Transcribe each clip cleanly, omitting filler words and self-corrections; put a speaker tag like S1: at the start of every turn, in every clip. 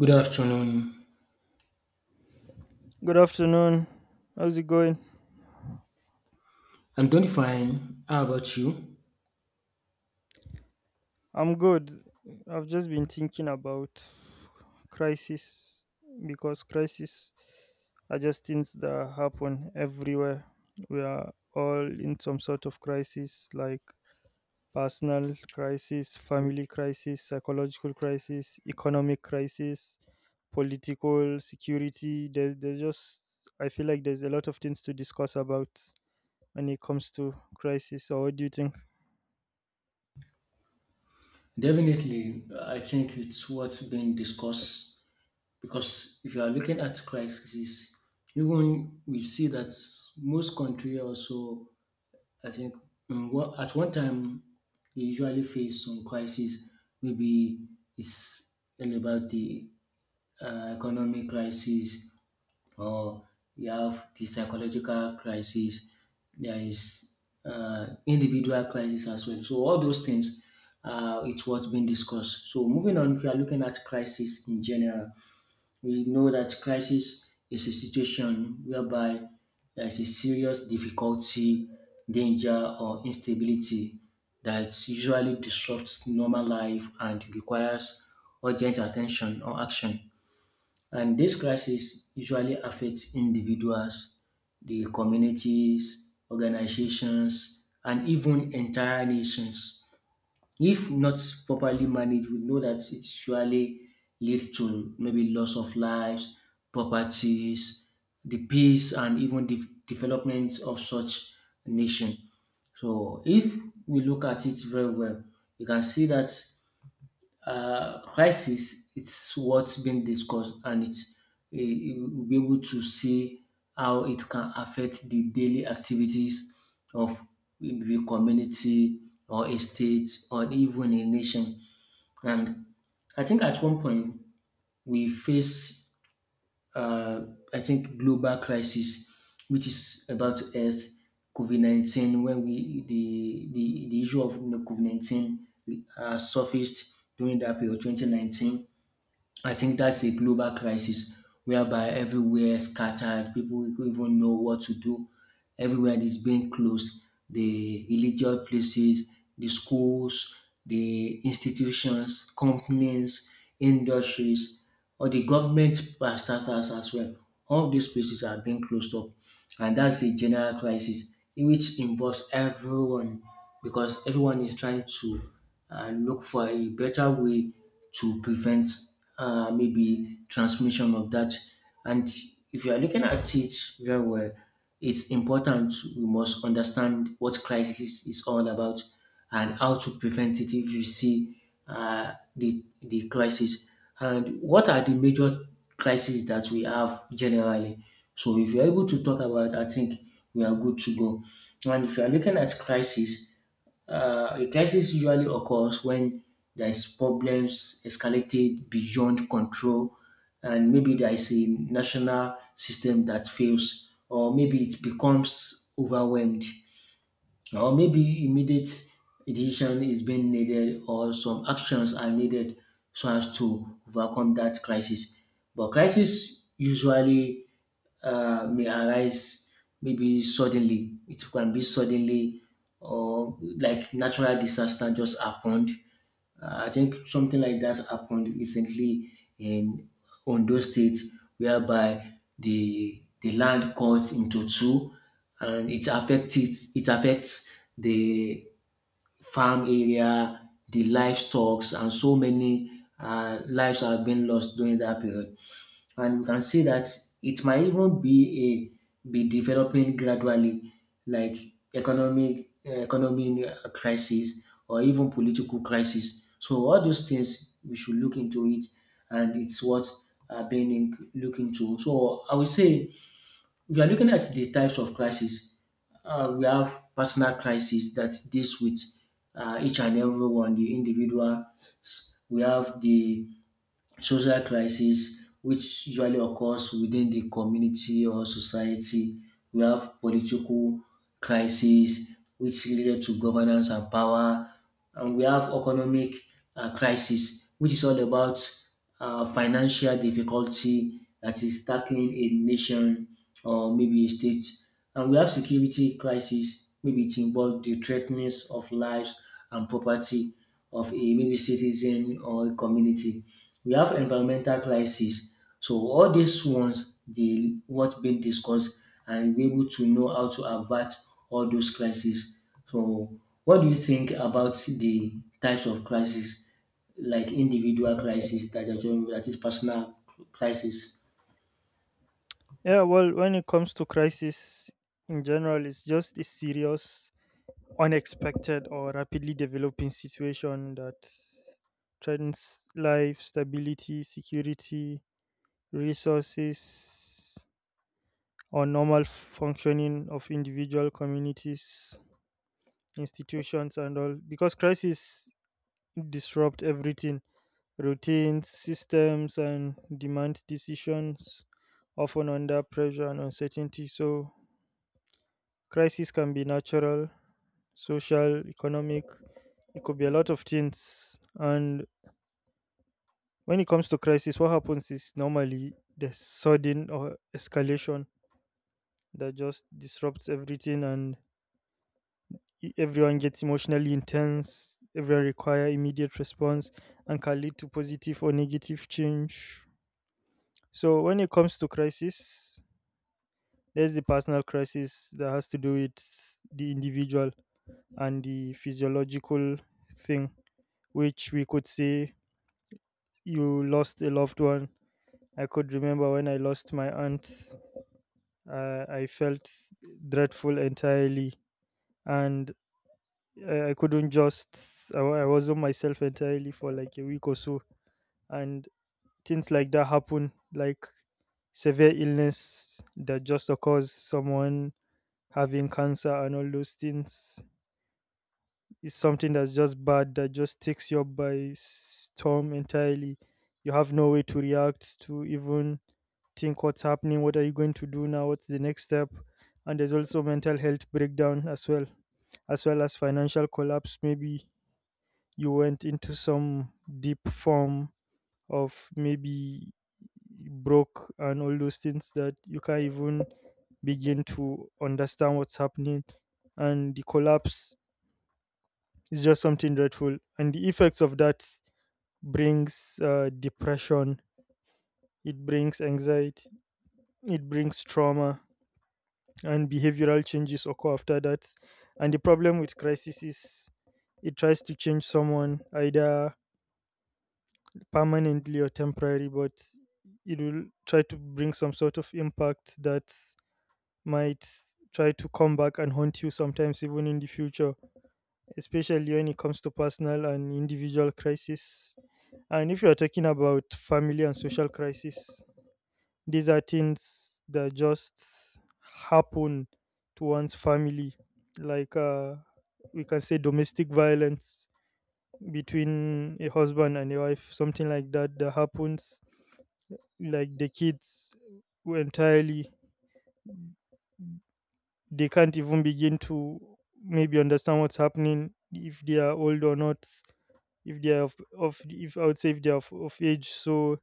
S1: Good afternoon.
S2: Good afternoon. How's it going?
S1: I'm doing fine. How about you?
S2: I'm good. I've just been thinking about crisis because crisis are just things that happen everywhere. We are all in some sort of crisis like personal crisis, family crisis, psychological crisis, economic crisis, political security. There's just, I feel like there's a lot of things to discuss about when it comes to crisis. So, what do you think?
S1: Definitely, I think it's what's been discussed, because if you are looking at crisis, even we see that most countries also, I think, at one time they usually face some crisis. Maybe it's all about the economic crisis, or you have the psychological crisis, there is individual crisis as well. So all those things, it's what's been discussed. So moving on, if you are looking at crisis in general, we know that crisis is a situation whereby there is a serious difficulty, danger, or instability that usually disrupts normal life and requires urgent attention or action. And this crisis usually affects individuals, the communities, organizations, and even entire nations. If not properly managed, we know that it surely leads to maybe loss of lives, properties, the peace, and even the development of such nation. So if we look at it very well, you can see that crisis it's what's been discussed, and it's you will be able to see how it can affect the daily activities of maybe community or a state or even a nation. And I think at one point we face uh, I think global crisis, which is about health, covid-19, when we the issue of covid-19 surfaced during that period 2019. I think that's a global crisis whereby everywhere scattered, people don't even know what to do. Everywhere is being closed. The religious places, the schools, the institutions, companies, industries, or the government as well. All these places are being closed up, and that's a general crisis in which involves everyone, because everyone is trying to look for a better way to prevent maybe transmission of that. And if you are looking at it very well, it's important we must understand what crisis is all about and how to prevent it if you see the crisis. And what are the major crises that we have generally? So if you're able to talk about, I think we are good to go. And if you are looking at crisis, a crisis usually occurs when there is problems escalated beyond control, and maybe there is a national system that fails, or maybe it becomes overwhelmed. Or maybe immediate decision is being needed, or some actions are needed so as to overcome that crisis. But crisis usually may arise maybe suddenly. It can be suddenly, or like natural disaster just happened. I think something like that happened recently in Ondo State, whereby the land cut into two, and it affects the farm area, the livestock, and so many lives have been lost during that period. And we can see that it might even be a be developing gradually, like economic economy crisis, or even political crisis. So all those things we should look into, it, and it's what I've been in, look into. So I would say we are looking at the types of crisis. We have personal crisis that deals with each and every one, the individual. We have the social crisis, which usually occurs within the community or society. We have political crisis, which related to governance and power, and we have economic crisis, which is all about financial difficulty that is tackling a nation or maybe a state. And we have security crisis, maybe it involves the threatenings of lives and property of a maybe citizen or a community. We have environmental crisis. So all these ones dey what been discussed, and be able to know how to avert all those crises. So what do you think about the types of crisis, like individual crisis that are joined, that is personal crisis?
S2: Yeah, well, when it comes to crisis in general, it's just a serious, unexpected, or rapidly developing situation that threatens life, stability, security, resources, or normal functioning of individual communities, institutions, and all. Because crisis disrupt everything, routines, systems, and demand decisions, often under pressure and uncertainty. So crisis can be natural, social, economic. It could be a lot of things. And when it comes to crisis, what happens is normally the sudden or escalation that just disrupts everything, and everyone gets emotionally intense. Everyone require immediate response and can lead to positive or negative change. So when it comes to crisis, there's the personal crisis that has to do with the individual and the physiological thing which we could say you lost a loved one. I could remember when I lost my aunt, I felt dreadful entirely, and I couldn't just, I wasn't myself entirely for like a week or so. And things like that happen, like severe illness that just occurs, someone having cancer, and all those things is something that's just bad, that just takes you up by storm entirely. You have no way to react to even think what's happening, what are you going to do now, what's the next step? And there's also mental health breakdown as well as well as financial collapse, maybe you went into some deep form of maybe broke and all those things that you can't even begin to understand what's happening, and the collapse is just something dreadful, and the effects of that brings depression, it brings anxiety, it brings trauma, and behavioral changes occur after that. And the problem with crisis is it tries to change someone either permanently or temporary, but it will try to bring some sort of impact that might try to come back and haunt you sometimes, even in the future, especially when it comes to personal and individual crisis. And if you are talking about family and social crisis, these are things that just happen to one's family, like we can say domestic violence between a husband and a wife, something like that, that happens. Like the kids who entirely, they can't even begin to maybe understand what's happening if they are old or not, if they are of if I would say if they are of age, so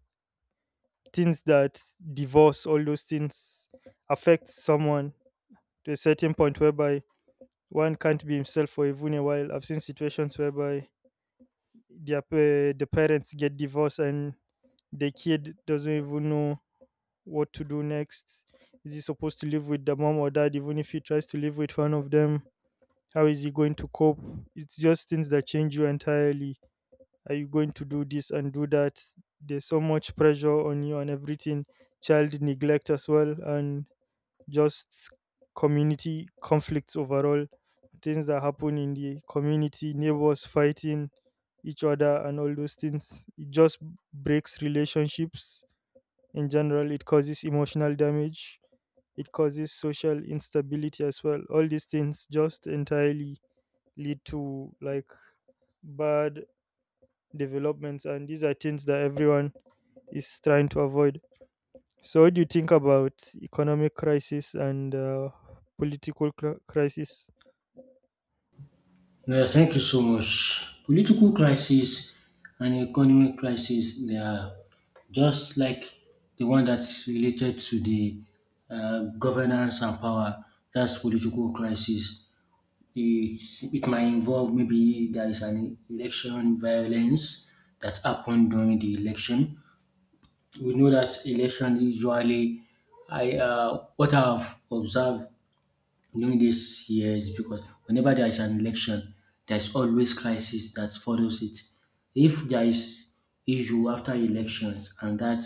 S2: things that divorce, all those things affects someone to a certain point whereby one can't be himself for even a while. I've seen situations whereby the parents get divorced and the kid doesn't even know what to do next. Is he supposed to live with the mom or dad? Even if he tries to live with one of them, how is he going to cope? It's just things that change you entirely. Are you going to do this and do that? There's so much pressure on you and everything. Child neglect as well, and just community conflicts overall, things that happen in the community, neighbors fighting each other, and all those things. It just breaks relationships in general, it causes emotional damage, it causes social instability as well. All these things just entirely lead to like bad developments, and these are things that everyone is trying to avoid. So, what do you think about economic crisis and political crisis?
S1: No, yeah, thank you so much. Political crisis and economic crisis, they are just like the one that's related to the governance and power. That's political crisis. It, it might involve maybe there is an election violence that happened during the election. We know that election usually, I what I've observed knowing this year is because whenever there is an election, there is always crisis that follows it. If there is issue after elections, and that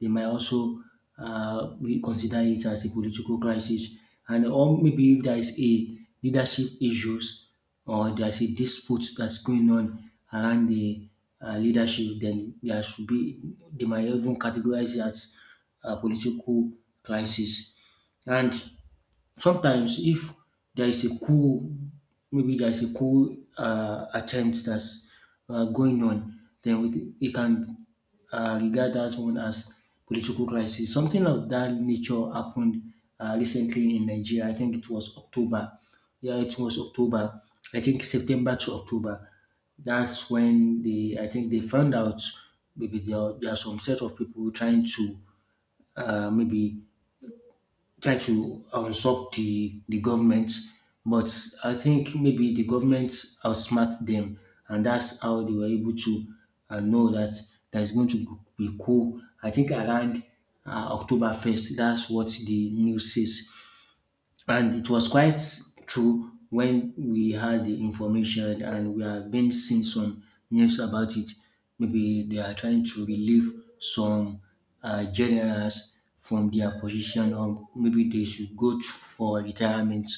S1: they might also we consider it as a political crisis, and or maybe if there is a leadership issues, or there is a dispute that's going on around the leadership, then there should be, they might even categorize it as a political crisis. And sometimes if there is a coup, maybe there is a coup attempt that's going on, then we can regard that one as political crisis. Something of that nature happened recently in Nigeria. I think it was October. Yeah, it was October. I think September to October. That's when they, I think they found out maybe there are some set of people trying to maybe try to unsub the government. But I think maybe the government outsmart them, and that's how they were able to know that there's going to be cool. I think around October 1st, that's what the news says. And it was quite true when we had the information, and we have been seeing some news about it. Maybe they are trying to relieve some generals from their position, or maybe they should go to, for retirement.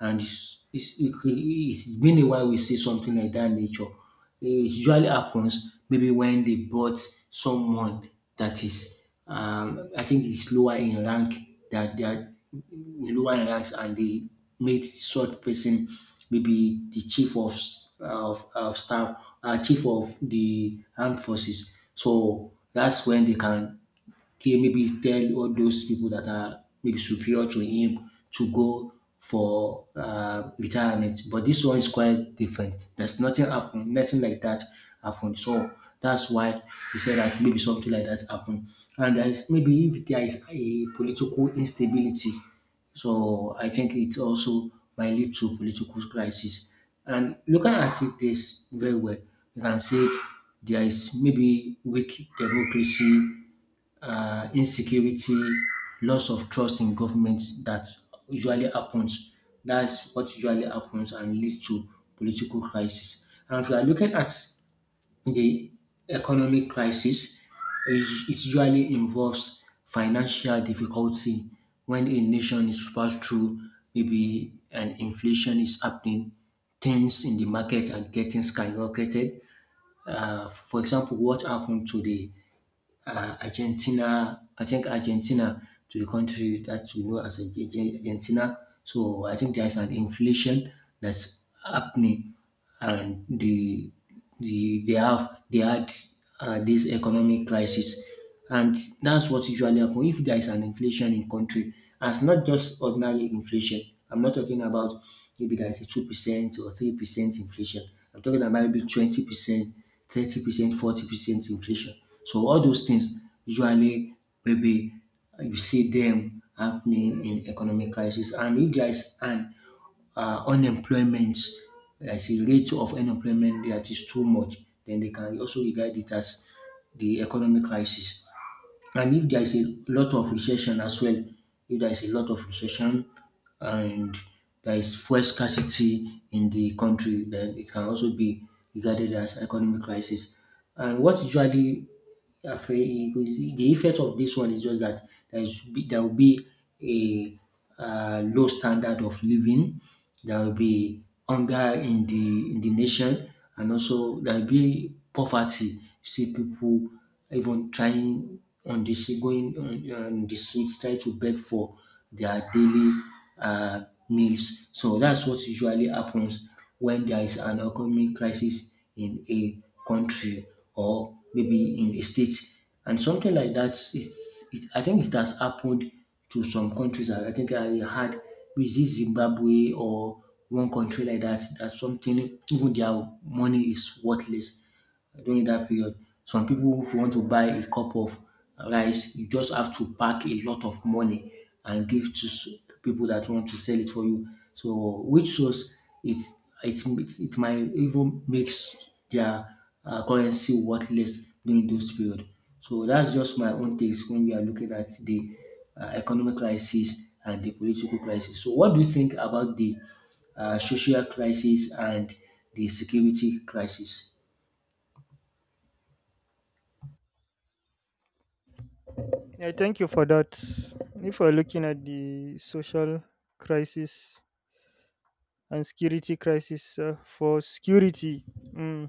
S1: And it's been a while we see something like that nature. It usually happens maybe when they bought someone that is, I think is lower in rank, that they are lower in ranks, and they made such person maybe the chief of staff, chief of the armed forces. So that's when they can he maybe tell all those people that are maybe superior to him to go for retirement. But this one is quite different. There's nothing happened, nothing like that happened. So that's why he said that maybe something like that happened. And there is maybe if there is a political instability, so I think it also might lead to political crisis. And looking at it this very well, you can say there is maybe weak democracy, insecurity, loss of trust in government that usually happens. That's what usually happens and leads to political crisis. And if you are looking at the economic crisis, it it usually involves financial difficulty when a nation is passed through maybe an inflation is happening, things in the market are getting skyrocketed. For example, what happened to the Argentina. I think Argentina, to a country that we know as Argentina. So I think there's an inflation that's happening, and they had this economic crisis. And that's what usually happen if there is an inflation in country, and it's not just ordinary inflation. I'm not talking about maybe there is a 2% or 3% inflation. I'm talking about maybe 20%, 30%, 40% inflation. So all those things usually maybe you see them happening in economic crisis. And if there is an unemployment, as a rate of unemployment that is too much, then they can also regard it as the economic crisis. And if there is a lot of recession as well, if there is a lot of recession, and there is fuel scarcity in the country, then it can also be regarded as economic crisis. And what usually affect the effect of this one is just that there will be a low standard of living, there will be hunger in the nation, and also there will be poverty. You see people even trying on the street, going on the streets, trying to beg for their daily meals. So that's what usually happens when there is an economic crisis in a country or maybe in a state. And something like that is, it, I think it has happened to some countries. I think I had with this Zimbabwe or one country like that. That something, even their money is worthless during that period. Some people, if you want to buy a cup of rice, you just have to pack a lot of money and give to people that want to sell it for you. So which shows it, it might even makes their currency worthless during those period. So that's just my own takes when we are looking at the economic crisis and the political crisis. So what do you think about the social crisis and the security crisis?
S2: I thank you for that. If we're looking at the social crisis and security crisis, for security, mm,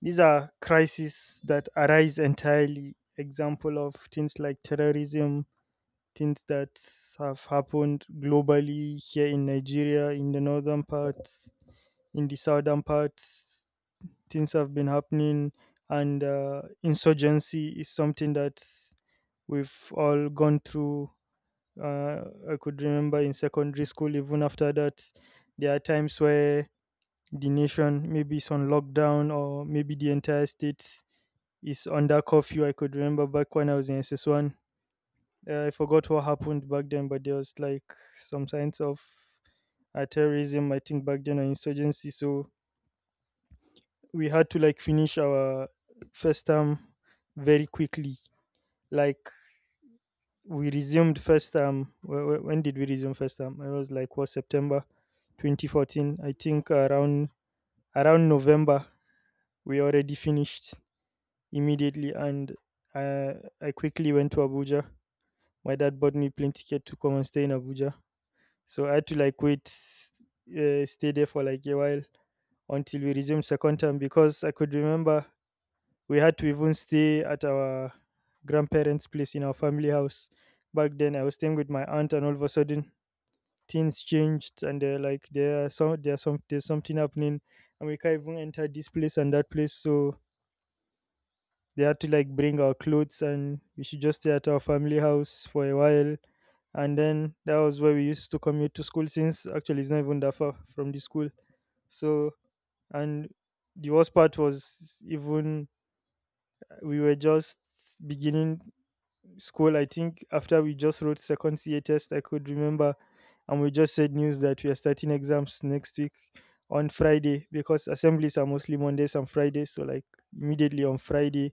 S2: these are crises that arise entirely. Example of things like terrorism, things that have happened globally here in Nigeria, in the northern parts, in the southern parts. Things have been happening, and insurgency is something that we've all gone through. Uh, I could remember in secondary school, even after that, there are times where the nation maybe is on lockdown or maybe the entire state is under curfew. I could remember back when I was in SS1. I forgot what happened back then, but there was like some signs of terrorism, I think, back then, or insurgency. So we had to like finish our first term very quickly. Like we resumed first term. When did we resume first term? It was like what, September, 2014. I think around November we already finished immediately, and uh, I quickly went to Abuja. My dad bought me plane ticket to come and stay in Abuja. So I had to like wait, stay there for like a while until we resumed second term because I could remember we had to even stay at our grandparents' place in our family house. Back then, I was staying with my aunt, and all of a sudden, things changed, and they're like, there are some, there's something happening, and we can't even enter this place and that place. So they had to like bring our clothes, and we should just stay at our family house for a while. And then that was where we used to commute to school, since actually it's not even that far from the school. So, and the worst part was even we were just beginning school, I think after we just wrote second CA test, I could remember, and we just said news that we are starting exams next week on Friday because assemblies are mostly Mondays and Fridays. So like immediately on Friday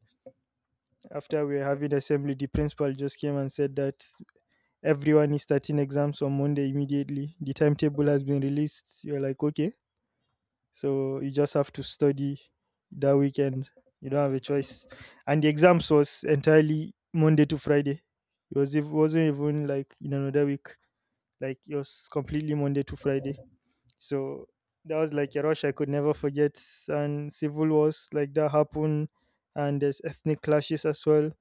S2: after we were having assembly, the principal just came and said that everyone is starting exams on Monday immediately. The timetable has been released. You're like, okay. So you just have to study that weekend. You don't have a choice. And the exams was entirely Monday to Friday. It wasn't even like in another week. Like it was completely Monday to Friday. So that was like a rush I could never forget. And civil wars like that happen, and there's ethnic clashes as well.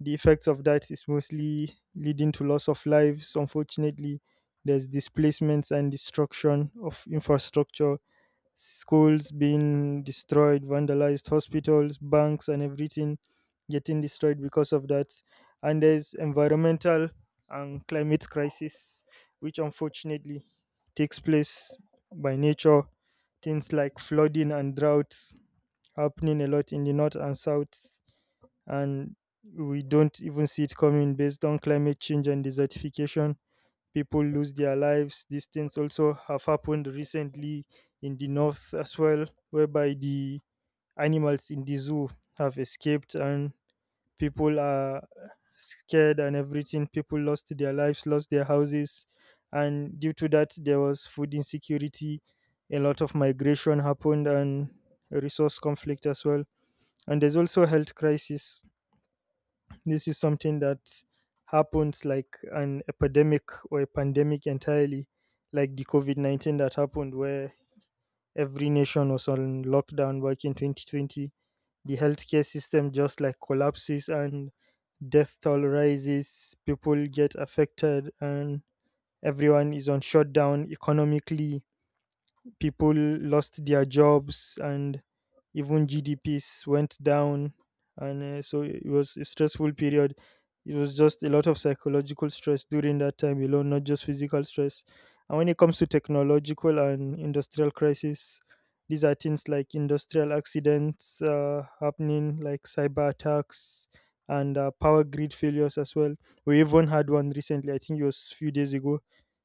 S2: The effects of that is mostly leading to loss of lives. Unfortunately, there's displacements and destruction of infrastructure, schools being destroyed, vandalized, hospitals, banks, and everything getting destroyed because of that. And there's environmental and climate crisis, which unfortunately takes place by nature. Things like flooding and drought happening a lot in the north and south, and we don't even see it coming based on climate change and desertification, people lose their lives. These things also have happened recently in the north as well, whereby the animals in the zoo have escaped and people are scared and everything. People lost their lives, lost their houses, and due to that, there was food insecurity. A lot of migration happened and resource conflict as well. And there's also health crisis, this is something that happens like an epidemic or a pandemic entirely, like the COVID 19 that happened, where every nation was on lockdown back in 2020. The healthcare system just like collapses and death toll rises, people get affected, and everyone is on shutdown economically, people lost their jobs and even GDPs went down. And so it was a stressful period. It was just a lot of psychological stress during that time alone, not just physical stress. And when it comes to technological and industrial crisis, these are things like industrial accidents happening, like cyber attacks and power grid failures as well. We even had one recently, I think it was a few days ago,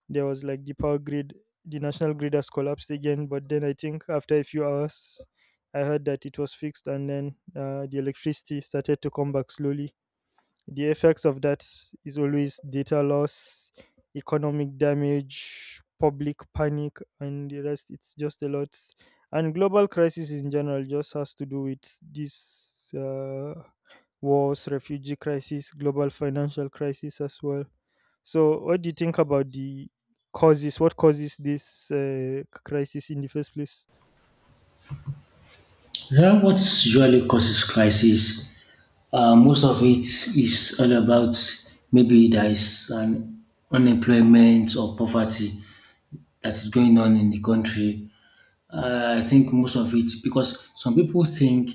S2: there was like the power grid, the national grid has collapsed again, but then I think after a few hours I heard that it was fixed and then the electricity started to come back slowly. The effects of that is always data loss, economic damage, public panic, and the rest, it's just a lot. And global crisis in general just has to do with this wars, refugee crisis, global financial crisis as well. So, what do you think about the causes? What causes this crisis in the first place?
S1: Yeah, what usually causes crisis? Most of it is all about maybe there is an unemployment or poverty that is going on in the country. I think most of it because some people think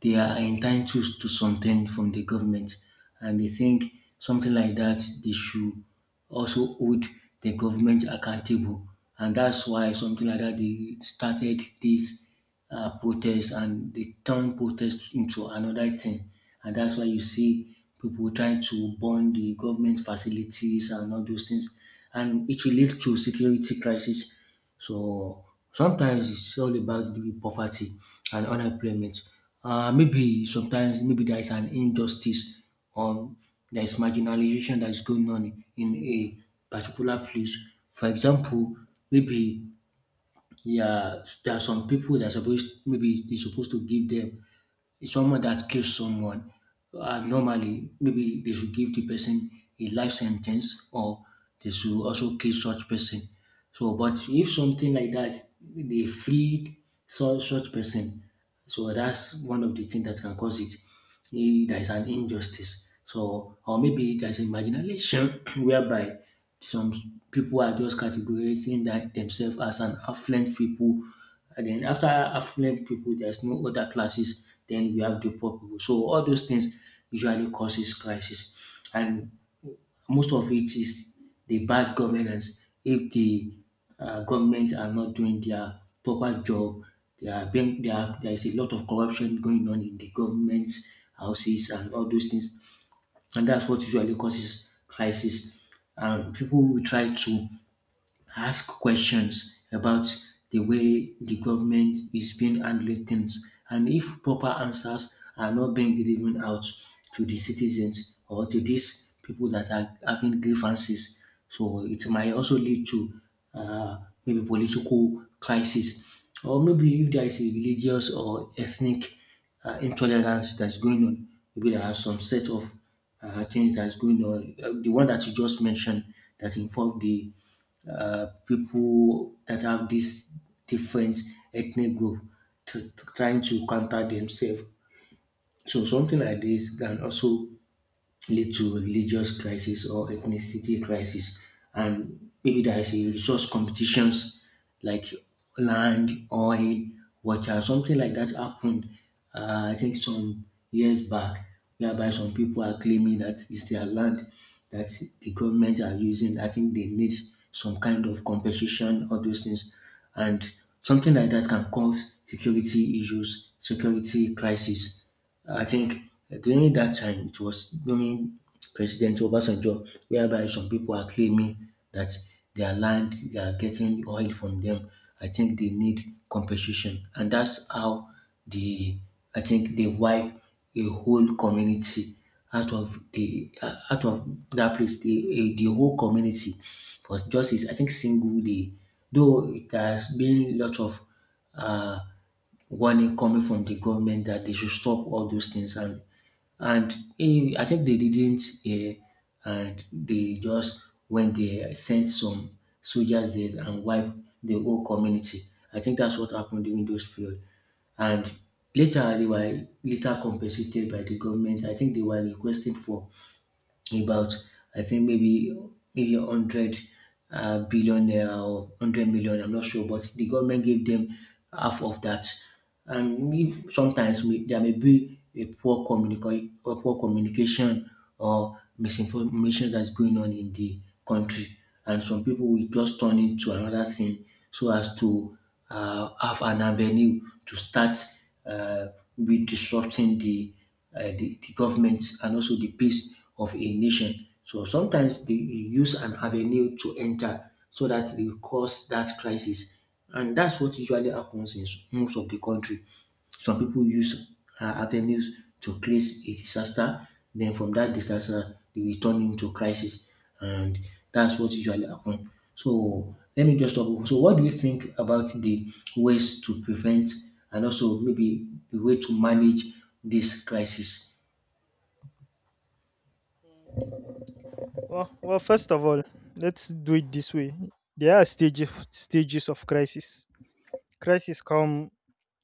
S1: they are entitled to something from the government, and they think something like that they should also hold the government accountable, and that's why something like that they started this protest and they turn protest into another thing, and that's why you see people trying to burn the government facilities and all those things, and it will lead to security crisis. So sometimes it's all about the poverty and unemployment. Maybe sometimes maybe there is an injustice or there is marginalization that is going on in a particular place. For example, maybe yeah, there are some people that are supposed maybe they're supposed to give them, it's someone that kills someone, normally maybe they should give the person a life sentence or they should also kill such person. So, but if something like that, they freed such person, so that's one of the things that can cause it. There is an injustice. So, or maybe there's imagination whereby some people are just categorizing that themselves as an affluent people. And then after affluent people, there's no other classes. Then we have the poor people. So all those things usually causes crisis. And most of it is the bad governance. If the government are not doing their proper job, they are being, they are, there is a lot of corruption going on in the government houses and all those things, and that's what usually causes crisis. And people will try to ask questions about the way the government is being handling things. And if proper answers are not being given out to the citizens or to these people that are having grievances, so it might also lead to uh, maybe political crisis, or maybe if there is a religious or ethnic intolerance that's going on, maybe there are some set of things that's going on. The one that you just mentioned that involve the people that have this different ethnic group to trying to counter themselves. So something like this can also lead to religious crisis or ethnicity crisis, and maybe there is a resource competitions like land, oil, water, something like that happened. I think some years back whereby some people are claiming that it's their land that the government are using. I think they need some kind of compensation, all those things, and something like that can cause security issues, security crisis. I think during that time it was during President Obasanjo whereby some people are claiming that their land, they are getting oil from them. I think they need compensation, and that's how the, I think they wipe a whole community out of the out of that place, the whole community was just is, I think, single day, though there has been lot of uh, warning coming from the government that they should stop all those things, and I think they didn't, and they just when they sent some soldiers there and wiped the whole community. I think that's what happened during those period. And later they were later compensated by the government. I think they were requesting for about, I think, maybe 100 billion or 100 million. I'm not sure, but the government gave them half of that. And if sometimes we, there may be a poor communication or misinformation that's going on in the country, and some people will just turn it to another thing so as to have an avenue to start uh, be disrupting the the governments and also the peace of a nation. So sometimes they use an avenue to enter so that they cause that crisis. And that's what usually happens in s- most of the country. Some people use avenues to create a disaster. Then from that disaster, they will turn into crisis, and that's what usually happen. So let me just talk. So what do you think about the ways to prevent and also maybe the way to manage this crisis?
S2: Well, well, first of all, let's do it this way. There are stages of crisis. Crisis come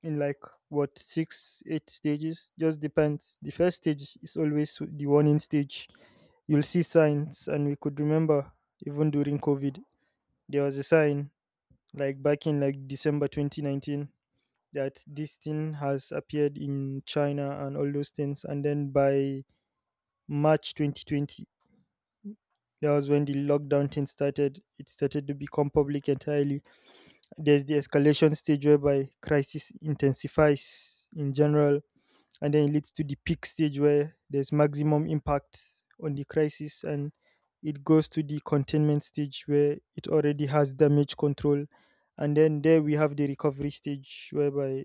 S2: in like what, six, eight stages. Just depends. The first stage is always the warning stage. You'll see signs, and we could remember even during COVID, there was a sign like back in like December 2019 that this thing has appeared in China and all those things, and then by March 2020, that was when the lockdown thing started, it started to become public entirely. There's the escalation stage whereby crisis intensifies in general, and then it leads to the peak stage where there's maximum impact on the crisis, and it goes to the containment stage where it already has damage control, and then there we have the recovery stage whereby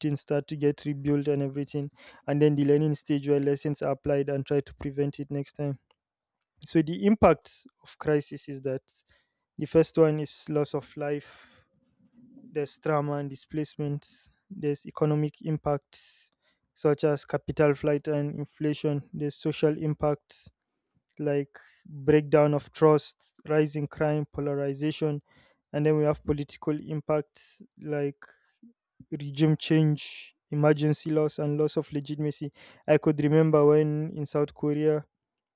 S2: things start to get rebuilt and everything, and then the learning stage where lessons are applied and try to prevent it next time. So the impact of crisis is that the first one is loss of life, there's trauma and displacement, there's economic impacts such as capital flight and inflation, there's social impacts like breakdown of trust, rising crime, polarization, and then we have political impacts like regime change, emergency loss, and loss of legitimacy. I could remember when in South Korea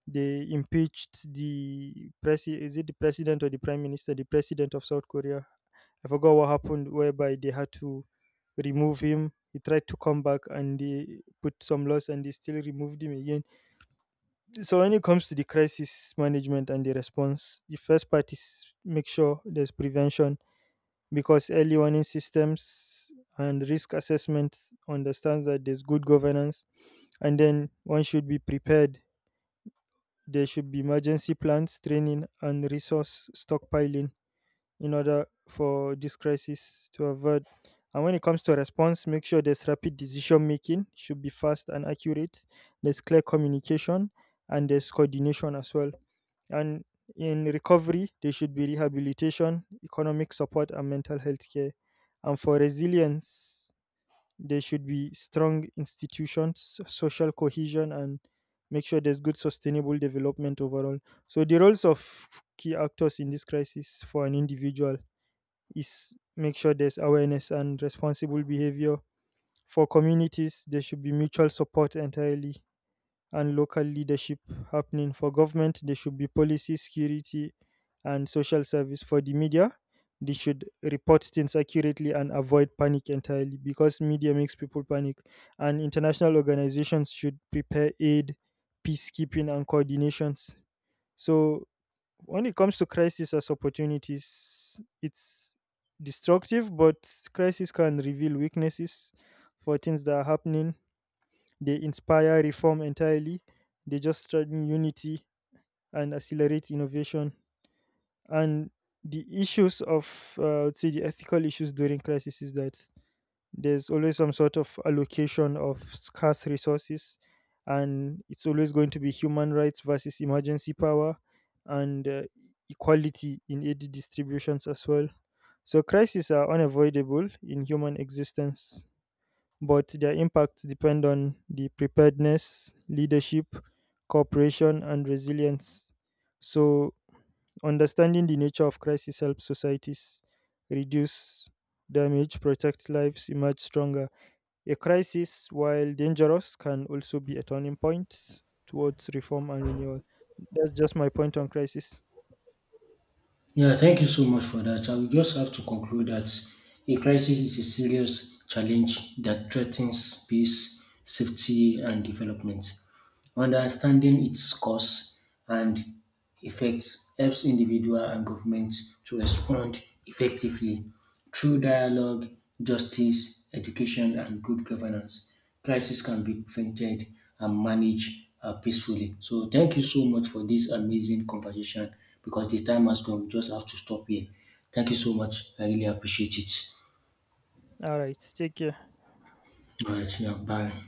S2: they impeached the is it the president or the prime minister? The president of South Korea. I forgot what happened, whereby they had to remove him. He tried to come back and they put some laws and they still removed him again. So, when it comes to the crisis management and the response, the first part is make sure there's prevention because early warning systems and risk assessment understands that there's good governance, and then one should be prepared, there should be emergency plans, training, and resource stockpiling in order for this crisis to avoid. And when it comes to response, make sure there's rapid decision making, should be fast and accurate. There's clear communication, and there's coordination as well. And in recovery, there should be rehabilitation, economic support, and mental health care. And for resilience, there should be strong institutions, so, social cohesion, and make sure there's good sustainable development overall. So the roles of key actors in this crisis, for an individual, is make sure there's awareness and responsible behavior. For communities, there should be mutual support entirely and local leadership happening. For government, there should be policy security and social service. For the media, they should report things accurately and avoid panic entirely, because media makes people panic, and international organizations should prepare aid, peacekeeping, and coordinations. So when it comes to crisis as opportunities, it's destructive, but crisis can reveal weaknesses for things that are happening, they inspire reform entirely. They just strengthen unity and accelerate innovation. And the issues of, I would say, the ethical issues during crisis is that there's always some sort of allocation of scarce resources, and it's always going to be human rights versus emergency power and equality in aid distributions as well. So crises are unavoidable in human existence, but their impacts depend on the preparedness, leadership, cooperation, and resilience. So, understanding the nature of crisis helps societies reduce damage, protect lives, emerge stronger. A crisis, while dangerous, can also be a turning point towards reform and renewal. That's just my point on crisis.
S1: Yeah, thank you so much for that. I will just have to conclude that a crisis is a serious challenge that threatens peace, safety, and development. Understanding its cause and effects helps individual and government to respond effectively. Through dialogue, justice, education, and good governance, crises can be prevented and managed peacefully. So, thank you so much for this amazing conversation because the time has gone. We just have to stop here. Thank you so much. I really appreciate it.
S2: All right, take care.
S1: All right, now, bye.